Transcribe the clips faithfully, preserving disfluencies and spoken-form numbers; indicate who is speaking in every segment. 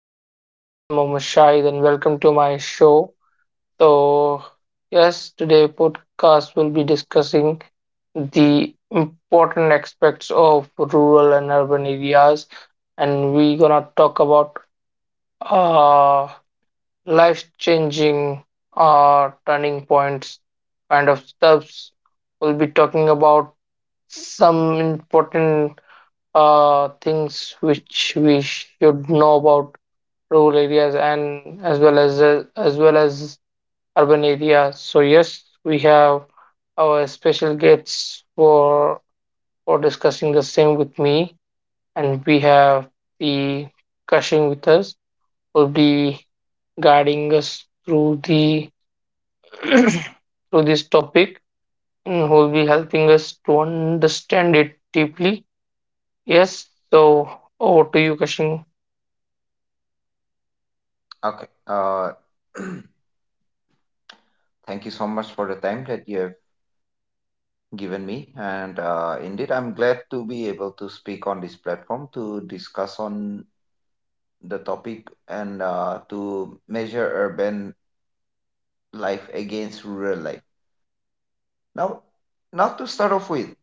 Speaker 1: Everyone, this is Mohammad Shahid and welcome to my show. So, yes, today podcast will be discussing the important aspects of rural and urban areas and we gonna talk about uh life changing uh turning points kind of steps. We'll be talking about some important uh things which we should know about rural areas and as well as as well as urban areas. So yes, we have our special guests for for discussing the same with me, and we have the Kashing with us will be guiding us through the through this topic and who will be helping us to understand it deeply. Yes, so over to you, Kashing.
Speaker 2: Okay. Uh, thank you so much for the time that you have given me. And uh, indeed, I'm glad to be able to speak on this platform to discuss on the topic, and uh, to measure urban life against rural life. Now, not to start off with,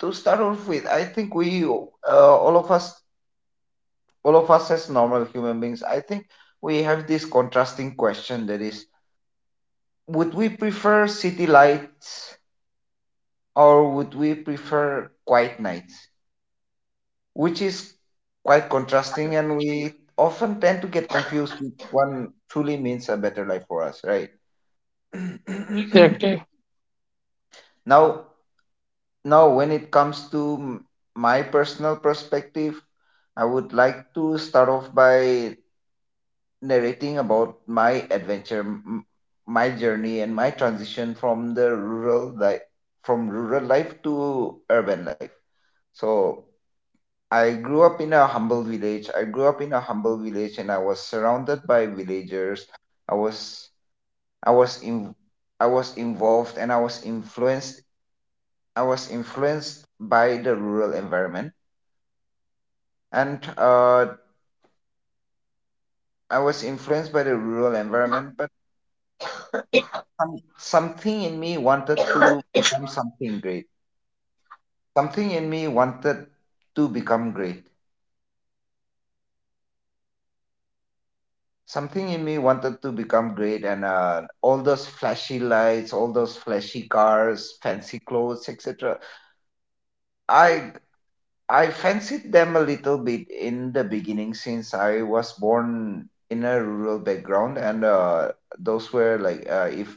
Speaker 2: to start off with, I think we, uh, all of us, all of us as normal human beings, I think we have this contrasting question that is, would we prefer city lights or would we prefer quiet nights, which is quite contrasting, and we often tend to get confused with one truly means a better life for us, right?
Speaker 1: Exactly.
Speaker 2: now, now when it comes to m- my personal perspective, I would like to start off by narrating about my adventure, m- my journey, and my transition from the rural life, from rural life to urban life. So I grew up in a humble village. I grew up in a humble village, and I was surrounded by villagers. I was I was in I was involved, and I was influenced. I was influenced by the rural environment, and uh, I was influenced by the rural environment. But some, something in me wanted to become something great. Something in me wanted to become great. Something in me wanted to become great, and uh, all those flashy lights, all those flashy cars, fancy clothes, et cetera. I I fancied them a little bit in the beginning since I was born in a rural background, and uh, those were like uh, if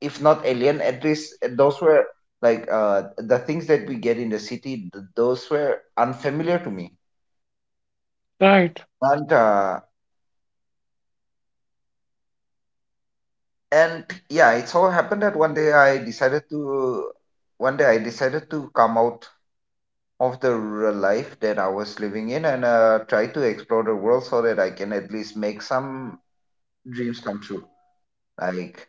Speaker 2: if not alien, at least those were like uh, the things that we get in the city. th- Those were unfamiliar to me,
Speaker 1: Right.
Speaker 2: but uh, and yeah, it so happened that one day i decided to one day I decided to come out of the rural life that I was living in, and uh, try to explore the world so that I can at least make some dreams come true, like.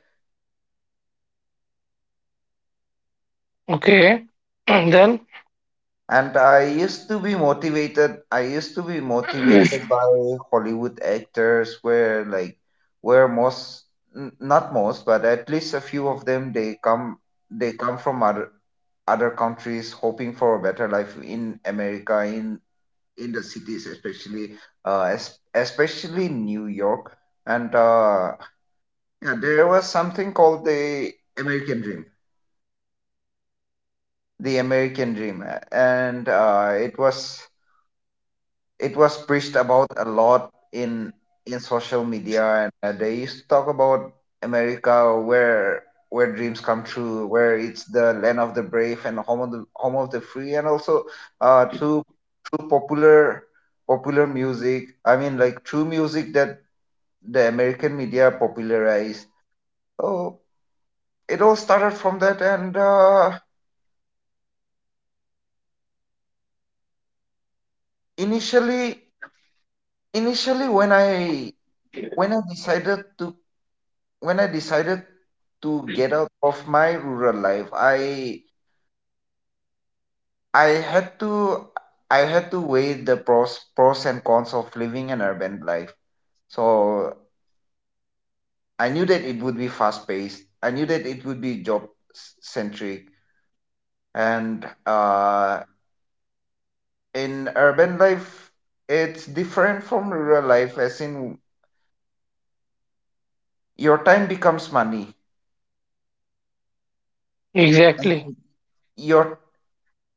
Speaker 1: Okay. And
Speaker 2: And I used to be motivated. I used to be
Speaker 1: then
Speaker 2: motivated by Hollywood actors, where like, where most, n- not most, but at least a few of them, they come, they come from other other countries, hoping for a better life in America, in in the cities, especially, uh, es- especially New York. And uh, yeah, there was something called the American Dream, the American Dream, and uh, it was it was preached about a lot in in social media, and uh, they used to talk about America, where where dreams come true, where it's the land of the brave and home of the home of the free, and also uh, through through popular popular music. I mean, like true music that the American media popularized. So it all started from that, and uh, initially initially when I when I decided to when I decided to get out of my rural life, I I had to I had to weigh the pros pros and cons of living an urban life. So I knew that it would be fast paced. I knew that it would be job centric, and uh, in urban life, it's different from rural life. As in, your time becomes money.
Speaker 1: exactly.
Speaker 2: your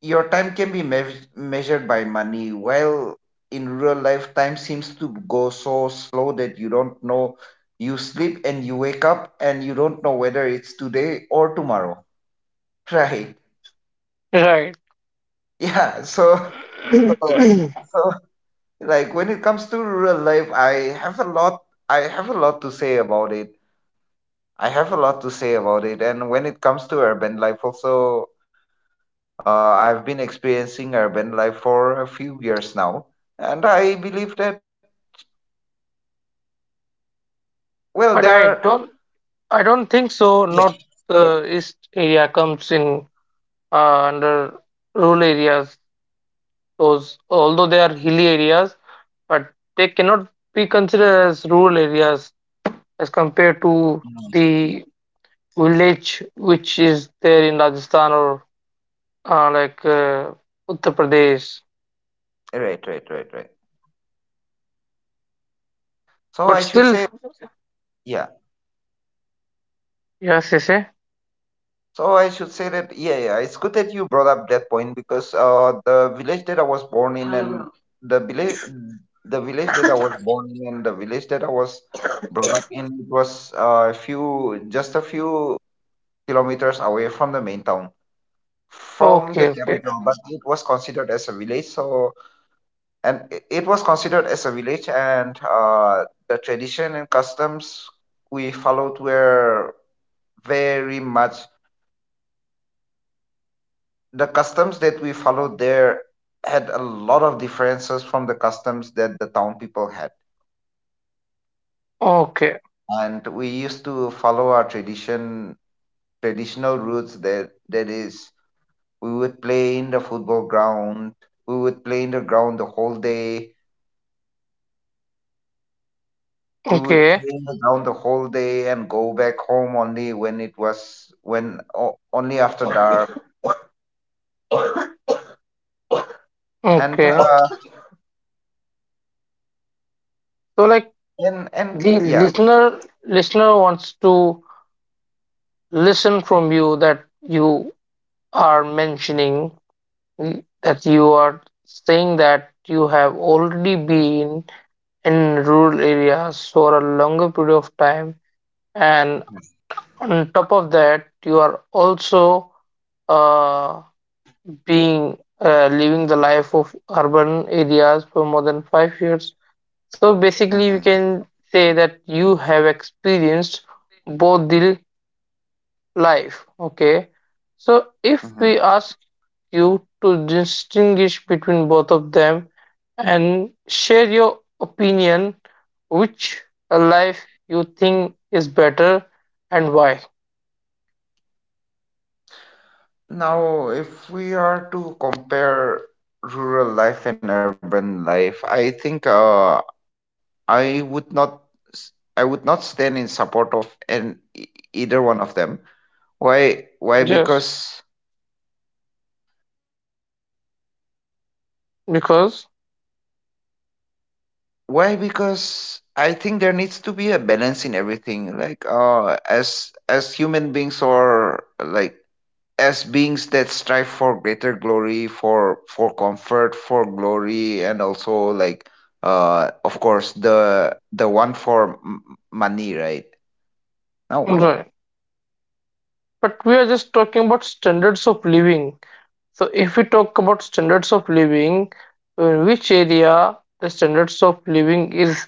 Speaker 2: your time can be meas- measured by money, while in real life time seems to go so slow that you don't know. You sleep and you wake up and you don't know whether it's today or tomorrow. Right.
Speaker 1: Right.
Speaker 2: Yeah. so so, so like when it comes to real life, i have a lot i have a lot to say about it I have a lot to say about it, and when it comes to urban life also, uh, I've been experiencing urban life for a few years now, and I believe that. Well, they are.
Speaker 1: But I don't I don't
Speaker 2: Yeah.
Speaker 1: think so. North uh, East area comes in uh, under rural areas. Those although they are hilly areas, but they cannot be considered as rural areas as compared to the village which is there in Rajasthan or uh, like uh, Uttar Pradesh.
Speaker 2: Right, right, right, right. So I
Speaker 1: But
Speaker 2: should say,
Speaker 1: still,
Speaker 2: yeah.
Speaker 1: yes, yes, eh?
Speaker 2: So I should say that, yeah, yeah, it's good that you brought up that point, because uh, the village that I was born in and the village, the village that I was born in and the village that I was brought up in, it was uh, a few, just a few kilometers away from the main town, from
Speaker 1: Okay,
Speaker 2: the
Speaker 1: okay,
Speaker 2: capital, but it was considered as a village. So and i- it was considered as a village, and uh, the tradition and customs we followed were very much the customs that we followed there had a lot of differences from the customs that the town people had,
Speaker 1: okay,
Speaker 2: and we used to follow our tradition traditional routes. That that is, we would play in the football ground we would play in the ground the whole day. We would
Speaker 1: okay,
Speaker 2: play down the whole day and go back home only when it was when o- only after dark. and
Speaker 1: okay.
Speaker 2: uh,
Speaker 1: So like,
Speaker 2: and and
Speaker 1: the
Speaker 2: yeah.
Speaker 1: listener listener wants to listen from you that you are mentioning that you are saying that you have already been in rural areas for a longer period of time, and on top of that you are also uh, being uh, living the life of urban areas for more than five years, so basically we can say that you have experienced both the life. Okay. So if we ask you to distinguish between both of them and share your opinion, which life you think is better and why?
Speaker 2: Now, if we are to compare rural life and urban life, I think uh, I would not s- I would not stand in support of an e- either one of them. Why? Why?
Speaker 1: Yes,
Speaker 2: Because.
Speaker 1: because
Speaker 2: Why? Because I think there needs to be a balance in everything. Like, uh, as as human beings, or like as beings that strive for greater glory, for for comfort, for glory, and also like, uh, of course the the one for m- money, right? No.
Speaker 1: right. But we are just talking about standards of living. So if we talk about standards of living, in which area the standards of living is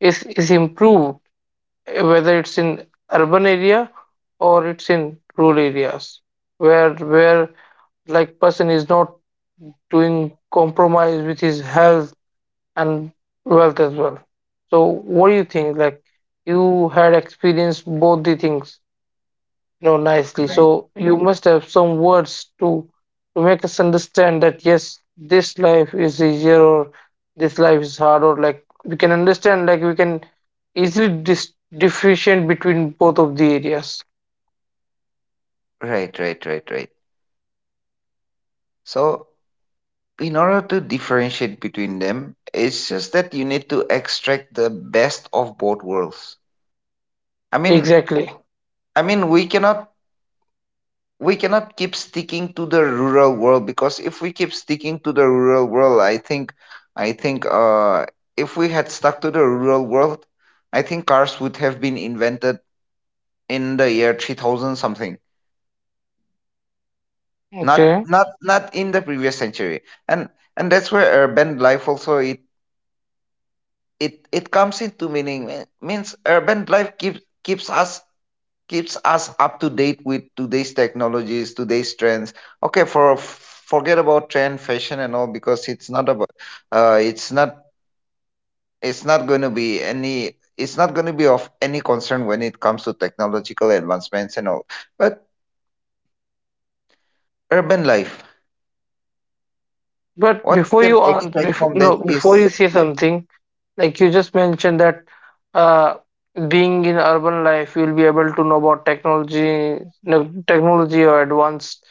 Speaker 1: is is improved, whether it's in urban area or it's in rural areas where where like person is not doing compromise with his health and wealth as well, so what do you think like you had experienced both the things, no, nicely. So you must have some words to to make us understand that yes, this life is easier or this life is hard, or like we can understand like we can easily dis differentiate between both of the areas.
Speaker 2: Right, right, right, right. So in order to differentiate between them, it's just that you need to extract the best of both worlds. I mean,
Speaker 1: Exactly.
Speaker 2: I mean, we cannot we cannot keep sticking to the rural world, because if we keep sticking to the rural world, i think I think uh if we had stuck to the rural world, I think cars would have been invented in the year three thousand something, not
Speaker 1: Okay.
Speaker 2: not not in the previous century. and and that's where urban life also it it it comes into meaning. Eh, means urban life keeps keeps us keeps us up to date with today's technologies, today's trends. Okay, for forget about trend, fashion, and all, because it's not about, uh, it's not, it's not going to be any, it's not going to be of any concern when it comes to technological advancements and all. But urban life,
Speaker 1: But
Speaker 2: what we
Speaker 1: before
Speaker 2: can
Speaker 1: you answer,
Speaker 2: expect
Speaker 1: before,
Speaker 2: from that
Speaker 1: no, before you
Speaker 2: is.
Speaker 1: say something, like you just mentioned that uh, being in urban life, you'll be able to know about technology, no, technology or advanced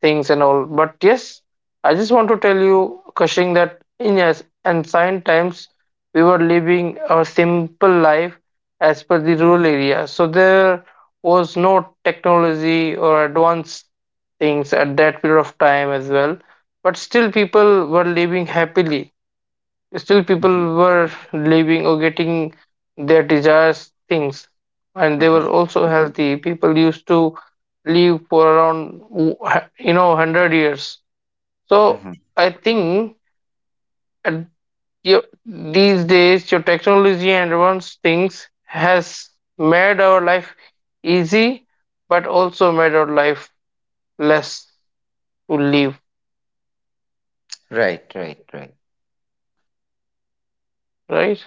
Speaker 1: things and all. But yes, I just want to tell you, Kashing, that in yes, ancient times, we were living a simple life as per the rural area. So there was no technology or advanced things at that period of time as well. But still, people were living happily. Still,
Speaker 2: Mhm,
Speaker 1: people were living or getting their desires things, and they
Speaker 2: mhm,
Speaker 1: were also healthy. People used to live for around you know one hundred years. So
Speaker 2: mhm.
Speaker 1: I think at your, these days your technology and advanced things has made our life easy, but also made our life less to live.
Speaker 2: Right, right, right,
Speaker 1: Right?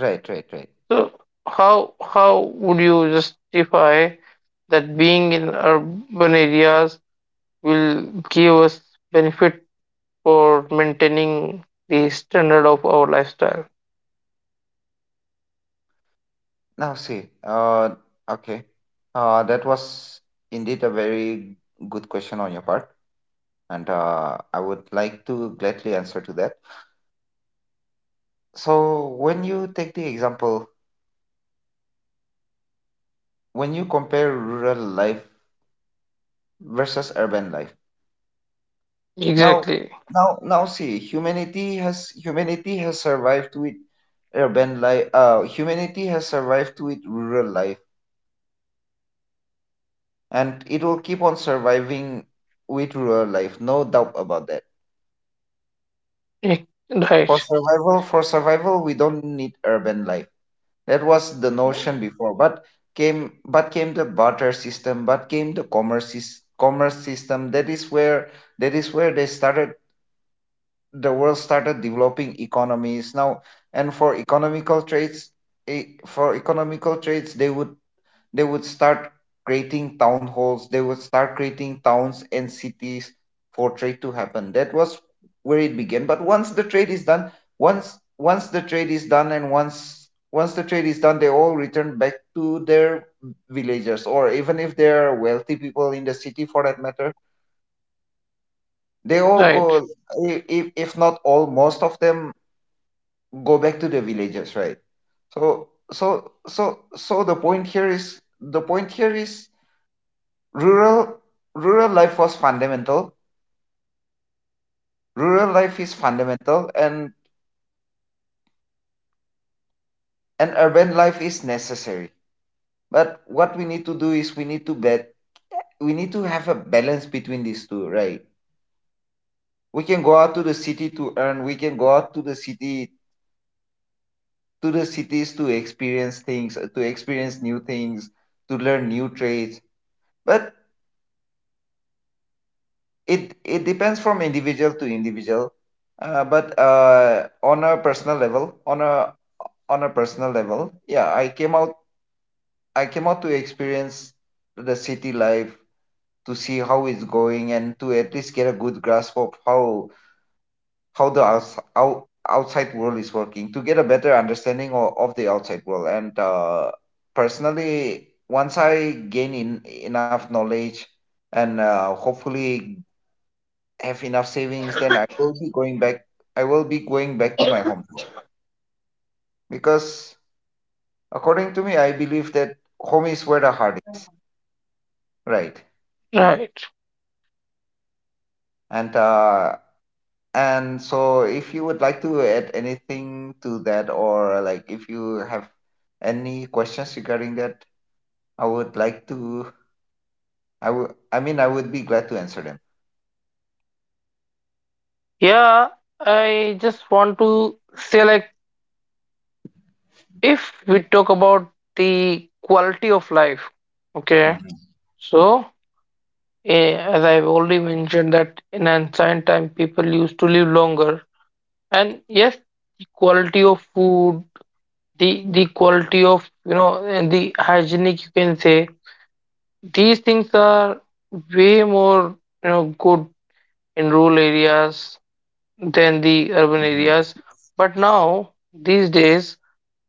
Speaker 2: right, right, right.
Speaker 1: So how how would you justify that being in urban areas will give us benefit for maintaining the standard of our lifestyle?
Speaker 2: Now see, uh, okay, uh, that was indeed a very good question on your part. And uh, I would like to gladly answer to that. So, when you take the example, when you compare rural life versus urban life, now,
Speaker 1: Exactly.
Speaker 2: now, now, see, humanity has humanity has survived with urban life. Uh, humanity has survived with rural life, and it will keep on surviving with rural life. No doubt about that.
Speaker 1: Ex-
Speaker 2: For
Speaker 1: Right.
Speaker 2: survival, for survival, we don't need urban life. That was the notion before, but came but came the barter system, but came the commerce sys- commerce system. That is where that is where they started. The world started developing economies now, and for economical trades, eh, for economical trades they would they would start creating town halls. They would start creating towns and cities for trade to happen. That was where it began. But once the trade is done, once once the trade is done and once once the trade is done, they all return back to their villagers, or even if they're wealthy people in the city, for that matter, they all
Speaker 1: Right.
Speaker 2: go. i- if, if not all, most of them go back to the villages, right? So so so so the point here is, the point here is rural rural life was fundamental. Rural life is fundamental, and and urban life is necessary. But what we need to do is, we need to bet we need to have a balance between these two, right? We can go out to the city to earn, we can go out to the city to the cities to experience things, to experience new things, to learn new trades. But it it depends from individual to individual. Uh, but uh, on a personal level, on a on a personal level, yeah, I came out. I came out to experience the city life, to see how it's going, and to at least get a good grasp of how how the outs- out, outside world is working, to get a better understanding of, of the outside world, and uh, personally, once I gain in, enough knowledge, and uh, hopefully have enough savings, then I will be going back I will be going back to my home, because according to me, I believe that home is where the heart is, right?
Speaker 1: Right.
Speaker 2: And uh, And so, if you would like to add anything to that, or like if you have any questions regarding that, I would like to. I would. I mean, I would be glad to answer them.
Speaker 1: Yeah, I just want to say like if we talk about the quality of life, okay.
Speaker 2: Mm-hmm.
Speaker 1: So, eh, as I've already mentioned that in ancient time people used to live longer, and yes, the quality of food, the the quality of you know and the hygienic you can say, these things are way more you know good in rural areas than the
Speaker 2: Mm-hmm.
Speaker 1: urban areas. But now these days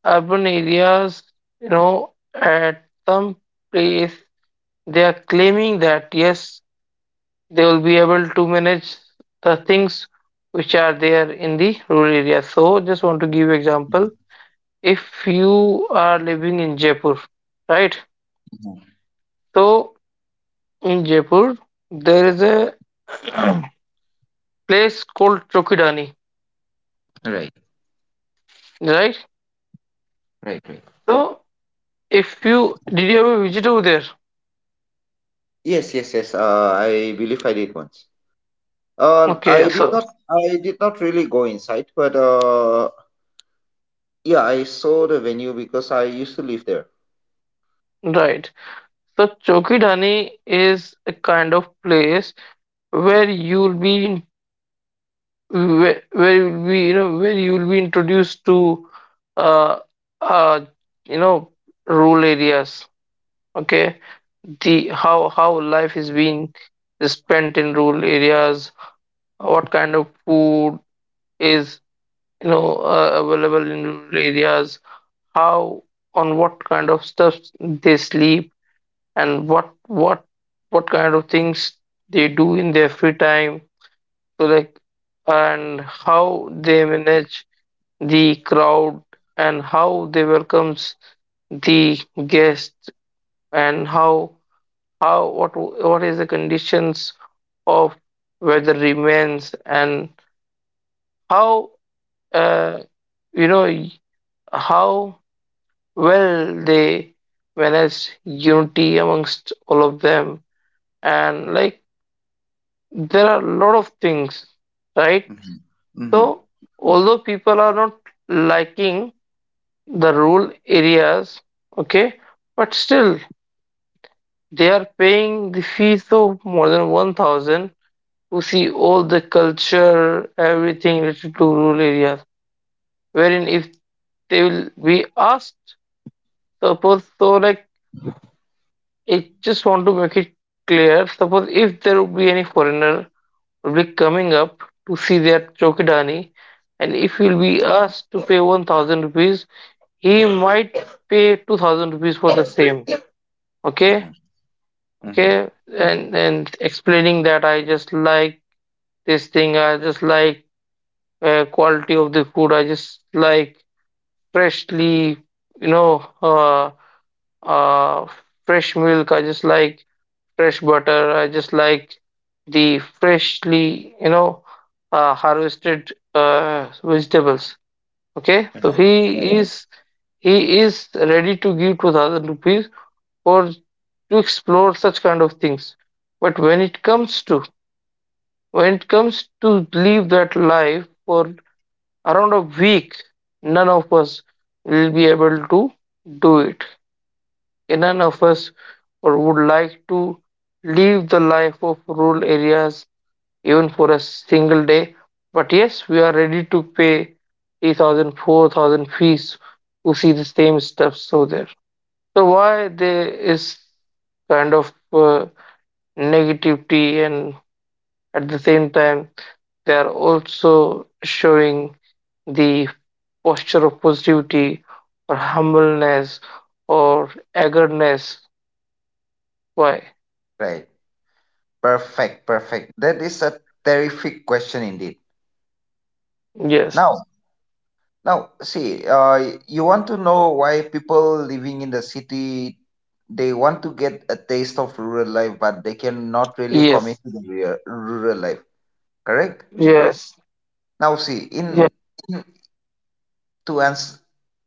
Speaker 1: urban areas, you know, at some place they are claiming that yes, they will be able to manage the things which are there in the rural areas. So just want to give example, if you are living in Jaipur, right?
Speaker 2: Mhm.
Speaker 1: So in Jaipur, there is a place called Chokidani,
Speaker 2: Right,
Speaker 1: right?
Speaker 2: right, right.
Speaker 1: So if you did you ever visit over there?
Speaker 2: Yes, yes, yes. Uh, I believe I did once. Um, I
Speaker 1: Okay,
Speaker 2: did
Speaker 1: so
Speaker 2: not. I did not really go inside, but uh, yeah, I saw the venue because I used to live there.
Speaker 1: right. So Chokidani is a kind of place where you'll be in- where, where you'll be you know where you'll be introduced to uh uh you know rural areas. Okay, the how how life is being spent in rural areas, what kind of food is you know uh, available in rural areas, how on what kind of stuff they sleep, and what what what kind of things they do in their free time, so like, and how they manage the crowd, and how they welcomes the guests, and how how what what is the conditions of weather remains, and how uh, you know y- how well they manage unity amongst all of them, and like there are a lot of things, right?
Speaker 2: Mm-hmm. Mm-hmm.
Speaker 1: So although people are not liking the rural areas, okay, but still they are paying the fees of more than one thousand to see all the culture, everything related to rural areas. Wherein if they will be asked, suppose so like, I just want to make it clear. Suppose if there would be any foreigner will be coming up to see their chokidani, and if
Speaker 2: Mm-hmm.
Speaker 1: he'll be asked to pay one thousand rupees, he might pay two thousand rupees for the same. Okay,
Speaker 2: Mm-hmm. Mm-hmm.
Speaker 1: okay, and and explaining that I just like this thing, I just like uh, quality of the food. I just like freshly, you know, uh, uh, fresh milk. I just like fresh butter. I just like the freshly, you know, uh, harvested uh, vegetables. Okay, so
Speaker 2: Right.
Speaker 1: he
Speaker 2: Right.
Speaker 1: is he is ready to give two thousand rupees for to explore such kind of things. But when it comes to when it comes to leave that life for around a week, none of us will be able to do it. And none of us or would like to leave the life of rural areas even for a single day. But yes, we are ready to pay three thousand, four thousand fees to see the same stuff so there. So why there is kind of uh, negativity, and at the same time they are also showing the posture of positivity or humbleness or eagerness. Why?
Speaker 2: Right. Perfect, perfect. That is a terrific question indeed.
Speaker 1: Yes.
Speaker 2: Now, now, see, uh, you want to know why people living in the city they want to get a taste of rural life, but they cannot really commit
Speaker 1: Yes.
Speaker 2: to the real, rural life. Correct?
Speaker 1: Yes.
Speaker 2: Now, see, in,
Speaker 1: Yes.
Speaker 2: in to answer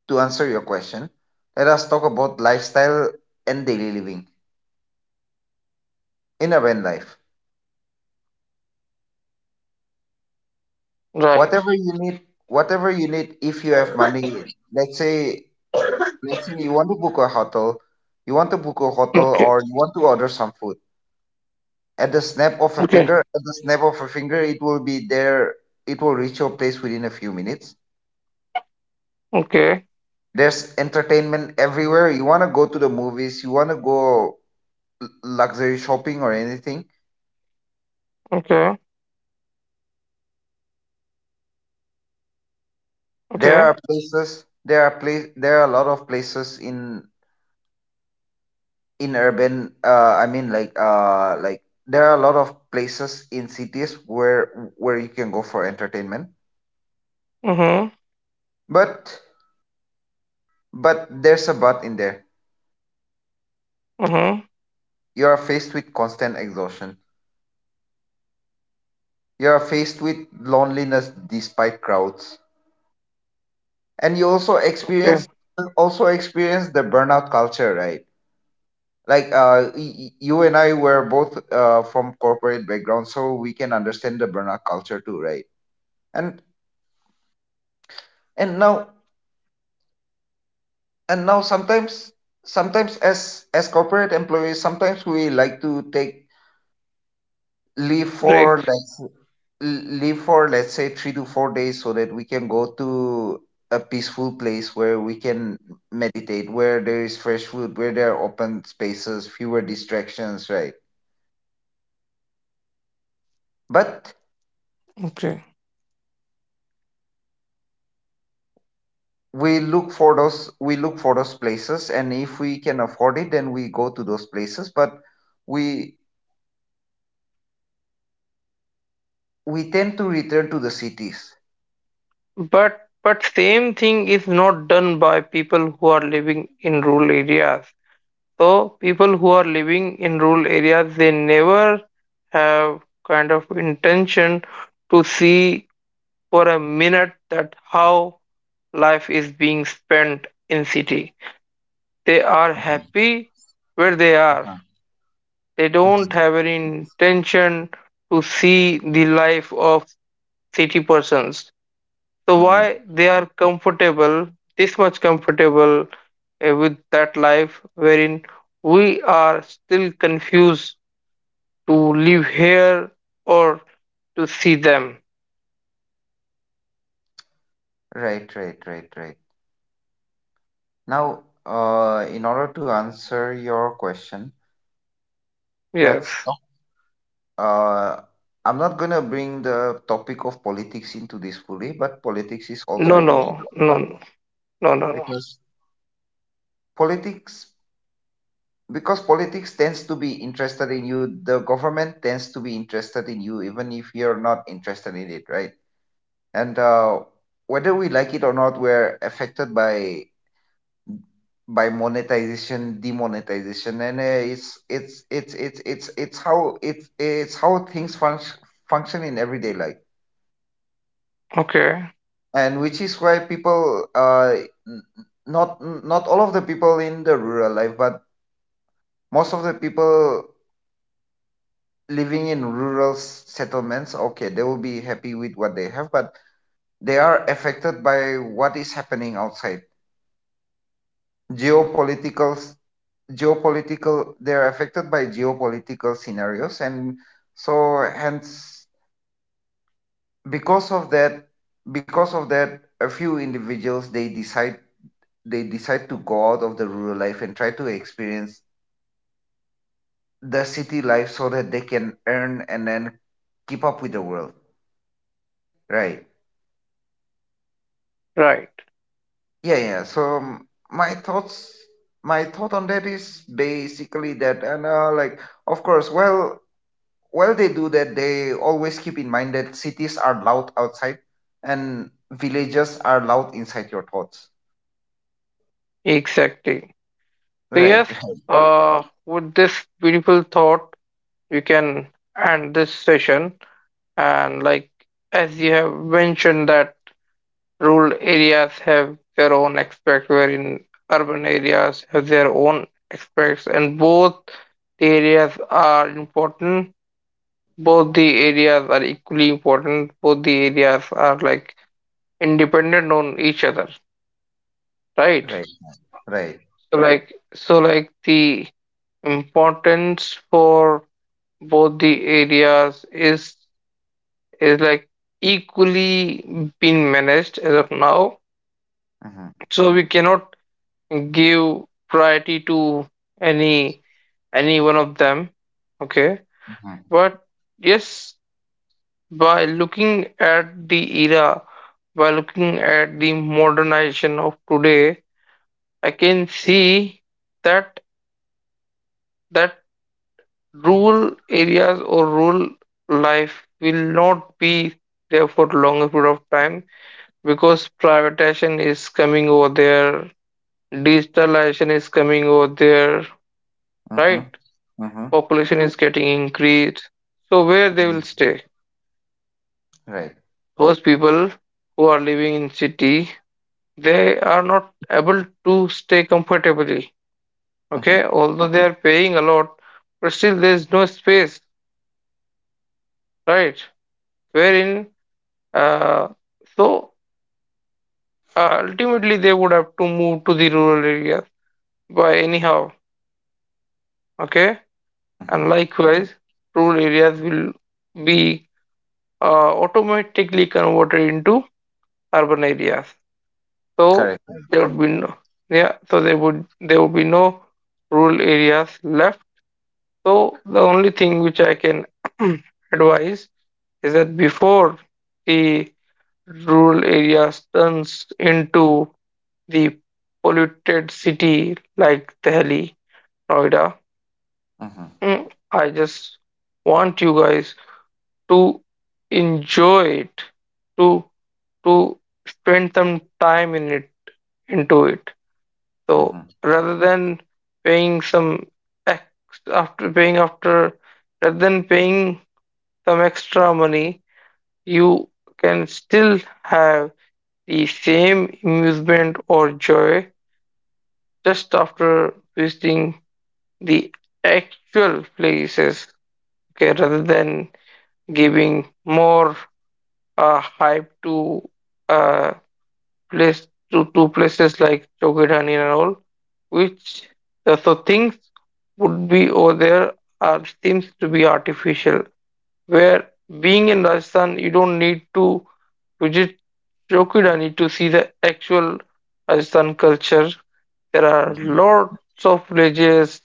Speaker 2: to answer your question, let us talk about lifestyle and daily living in urban life.
Speaker 1: Right.
Speaker 2: Whatever you need, whatever you need, if you have money, let's say Next you want to book a hotel, you want to book a hotel
Speaker 1: Okay.
Speaker 2: or you want to order some food. At the snap of a
Speaker 1: Okay.
Speaker 2: finger, at the snap of a finger, it will be there. It will reach your place within a few minutes.
Speaker 1: Okay.
Speaker 2: There's entertainment everywhere. You want to go to the movies, you want to go l- luxury shopping or anything.
Speaker 1: Okay.
Speaker 2: There are
Speaker 1: Okay.
Speaker 2: places, there are place, there are a lot of places in in urban uh I mean like uh like there are a lot of places in cities where where you can go for entertainment.
Speaker 1: Mm-hmm.
Speaker 2: But But there's a but in there.
Speaker 1: Mm-hmm.
Speaker 2: You are faced with constant exhaustion. You are faced with loneliness despite crowds. And you also experience
Speaker 1: Okay.
Speaker 2: also experience the burnout culture, right? Like uh, y- y- you and I were both uh, from corporate background, so we can understand the burnout culture too, right? And and now and now sometimes sometimes as as corporate employees, sometimes we like to take leave
Speaker 1: Break.
Speaker 2: for like l- leave for let's say three to four days so that we can go to a peaceful place where we can meditate, where there is fresh food, where there are open spaces, fewer distractions, right? But we look for those we look for those places, and if we can afford it, then we go to those places, but we we tend to return to the cities.
Speaker 1: But but same thing is not done by people who are living in rural areas. So people who are living in rural areas, they never have kind of intention to see for a minute that how life is being spent in city. They are
Speaker 2: Mhm,
Speaker 1: happy where they are.
Speaker 2: mhm,
Speaker 1: They don't
Speaker 2: mhm,
Speaker 1: have any intention to see the life of city persons. So
Speaker 2: hmm.
Speaker 1: why they are comfortable, this much comfortable uh, with that life, wherein we are still confused to live here or to see them.
Speaker 2: Right, right, right, right. Now, uh, in order to answer your question, let's
Speaker 1: Yes.
Speaker 2: Uh, I'm not going to bring the topic of politics into this fully, but politics is also
Speaker 1: No,
Speaker 2: involved
Speaker 1: no, no, no, no, no, no.
Speaker 2: because politics because politics tends to be interested in you. The government tends to be interested in you, even if you're not interested in it, right? And uh, whether we like it or not, we're affected by by monetization, demonetization, and uh, it's it's it's it's it's it's how it's it's how things func function in everyday life,
Speaker 1: Okay.
Speaker 2: and which is why people uh n- not not all of the people in the rural life, but most of the people living in rural s- settlements, okay, they will be happy with what they have, but they are affected by what is happening outside. Geopolitical geopolitical they are affected by geopolitical scenarios, and so hence, because of that because of that a few individuals, they decide they decide to go out of the rural life and try to experience the city life so that they can earn and then keep up with the world, right?
Speaker 1: Right.
Speaker 2: Yeah, yeah so um, my thoughts my thought on that is basically that. And uh, like, of course, well, while they do that they always keep in mind that cities are loud outside and villages are loud inside your thoughts,
Speaker 1: Exactly. So
Speaker 2: right?
Speaker 1: yes, uh, with this beautiful thought, we can end this session. And like as you have mentioned that rural areas have their own aspects, wherein urban areas have their own aspects, and both the areas are important. Both the areas are equally important. Both the areas are like independent on each other, right?
Speaker 2: Right. Right.
Speaker 1: So right, like, so like the importance for both the areas is is like equally being managed as of now.
Speaker 2: Mm-hmm,
Speaker 1: So we cannot give priority to any any one of them, okay,
Speaker 2: mm-hmm,
Speaker 1: but yes, by looking at the era, by looking at the modernization of today, I can see that that rural areas or rural life will not be there for longer period of time, because privatization is coming over there, digitalization is coming over there,
Speaker 2: mm-hmm.
Speaker 1: right?
Speaker 2: Mm-hmm.
Speaker 1: Population is getting increased, so where they will
Speaker 2: Mm-hmm,
Speaker 1: stay?
Speaker 2: right.
Speaker 1: Those people who are living in city, they are not able to stay comfortably,
Speaker 2: Mm-hmm,
Speaker 1: okay, although they are paying a lot, but still there is no space, right? Wherein uh, so uh, ultimately they would have to move to the rural areas by anyhow, okay,
Speaker 2: mm-hmm.
Speaker 1: and likewise rural areas will be uh, automatically converted into urban areas. So
Speaker 2: Correct.
Speaker 1: there would be no Yeah, so there would there would be no rural areas left. So the only thing which I can advise is that before the rural areas turns into the polluted city like Delhi, Noida,
Speaker 2: Mhm.
Speaker 1: mm, I just want you guys to enjoy it, to to spend some time in it into it. So
Speaker 2: Mhm.
Speaker 1: rather than paying some ex after paying after rather than paying some extra money, you can still have the same amusement or joy just after visiting the actual places. Okay, rather than giving more uh, hype to uh, place to, to places like Chowkidhani and all, which uh, so things would be over there are seems to be artificial. Where being in Rajasthan, you don't need to visit Chowkidhani to see the actual Rajasthan culture. There are
Speaker 2: Mhm.
Speaker 1: lots of villages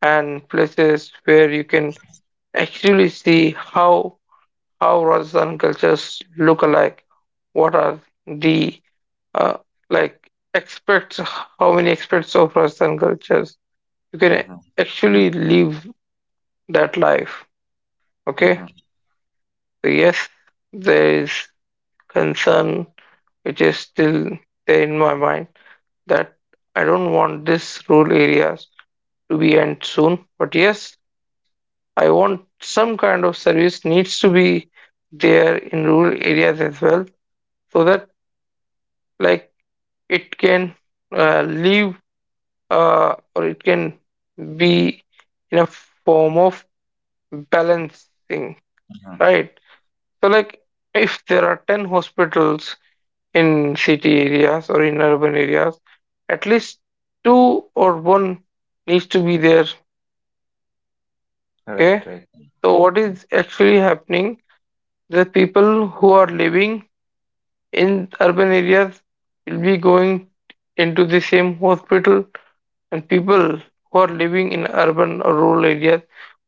Speaker 1: and places where you can actually see how how Rajasthan cultures look alike. What are the uh, like experts, how many experts of Rajasthan cultures you can
Speaker 2: Mhm.
Speaker 1: actually live that life. Okay,
Speaker 2: Mhm.
Speaker 1: so yes, there is concern which is still there in my mind that I don't want this rural areas to be end soon. But yes, I want some kind of service needs to be there in rural areas as well, so that like it can uh, live uh, or it can be in a form of balancing,
Speaker 2: Mhm.
Speaker 1: right? So like if there are ten hospitals in city areas or in urban areas, at least two or one needs to be there,
Speaker 2: Right.
Speaker 1: okay.
Speaker 2: Right.
Speaker 1: So what is actually happening, the people who are living in urban areas will be going into the same hospital, and people who are living in urban or rural areas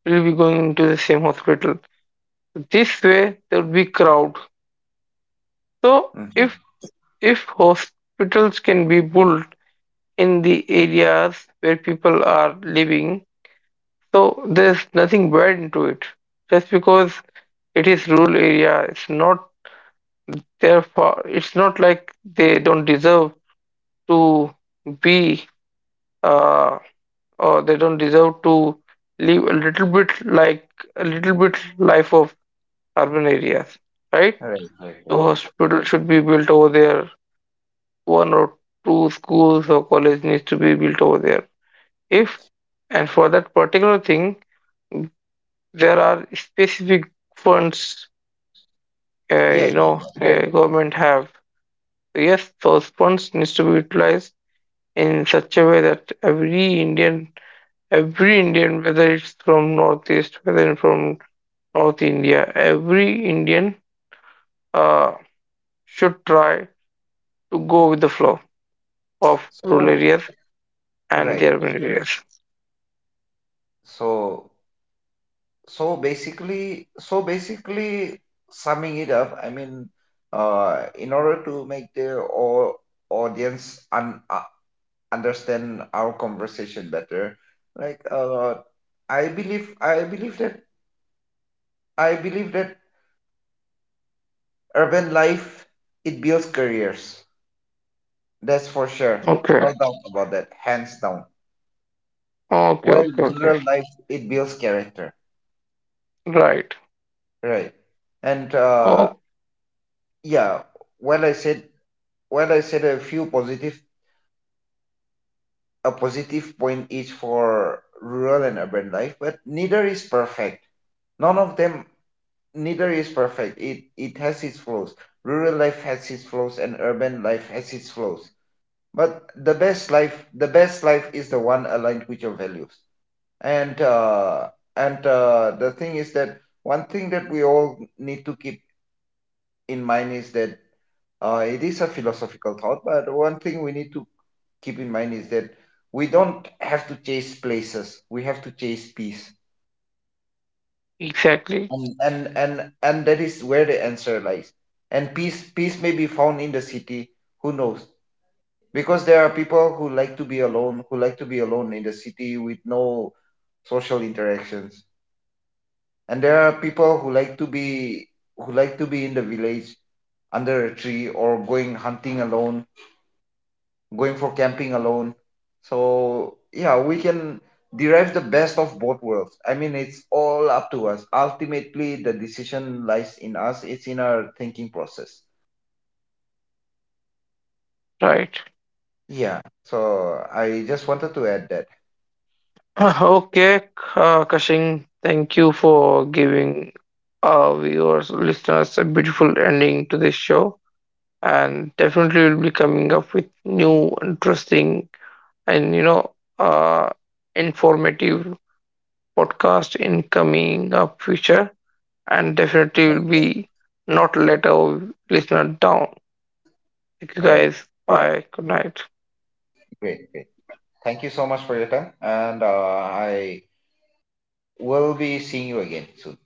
Speaker 1: will be going to the same hospital, this way there would be crowd. So if
Speaker 2: Mhm.
Speaker 1: if hospitals can be built in the areas where people are living, so there's nothing bad into it. Just because it is rural area it's not, therefore it's not like they don't deserve to be uh, or they don't deserve to live a little bit like a little bit life of urban areas, right?
Speaker 2: Right. Right.
Speaker 1: The
Speaker 2: Right.
Speaker 1: hospital should be built over there, one or two schools or college needs to be built over there, if and for that particular thing there are specific funds uh,
Speaker 2: Yeah.
Speaker 1: you
Speaker 2: Yeah.
Speaker 1: know
Speaker 2: Yeah.
Speaker 1: uh, government have. So yes, those funds needs to be utilized in such a way that every Indian, every indian whether it's from northeast, whether it's from North India, every Indian uh, should try to go with the flow of rural
Speaker 2: So
Speaker 1: areas and the
Speaker 2: right.
Speaker 1: urban areas.
Speaker 2: So so basically, so basically, summing it up, I mean, uh, in order to make the au- audience un- uh, understand our conversation better, like uh, I believe, I believe that, I believe that urban life, it builds careers. That's for sure. No
Speaker 1: Okay,
Speaker 2: doubt about that. Hands down.
Speaker 1: okay,
Speaker 2: While
Speaker 1: okay, okay.
Speaker 2: rural life, it builds character.
Speaker 1: Right.
Speaker 2: Right. And uh,
Speaker 1: Oh,
Speaker 2: yeah, while I said while I said a few positive a positive point each for rural and urban life, but neither is perfect. None of them neither is perfect. It it has its flaws. Rural life has its flaws and urban life has its flaws. But the best life the best life is the one aligned with your values. And uh, and uh, The thing is that one thing that we all need to keep in mind is that uh, it is a philosophical thought, but one thing we need to keep in mind is that we don't have to chase places. We have to chase peace,
Speaker 1: exactly.
Speaker 2: and and and, and that is where the answer lies. And peace peace may be found in the city. Who knows? Because there are people who like to be alone, who like to be alone in the city with no social interactions, and there are people who like to be who like to be in the village under a tree, or going hunting alone, going for camping alone. So yeah, we can derive the best of both worlds. I mean, it's all up to us. Ultimately the decision lies in us. It's in our thinking process.
Speaker 1: Right.
Speaker 2: Yeah, so I just wanted to add that.
Speaker 1: Okay, uh, Kashing, thank you for giving our viewers, listeners, a beautiful ending to this show. And definitely, we'll be coming up with new, interesting, and you know, uh, informative podcast in coming up future, and definitely will be not let our listener down. Thank you
Speaker 2: All right,
Speaker 1: guys. Bye. Good night.
Speaker 2: great, great. Thank you so much for your time, and uh, I will be seeing you again soon.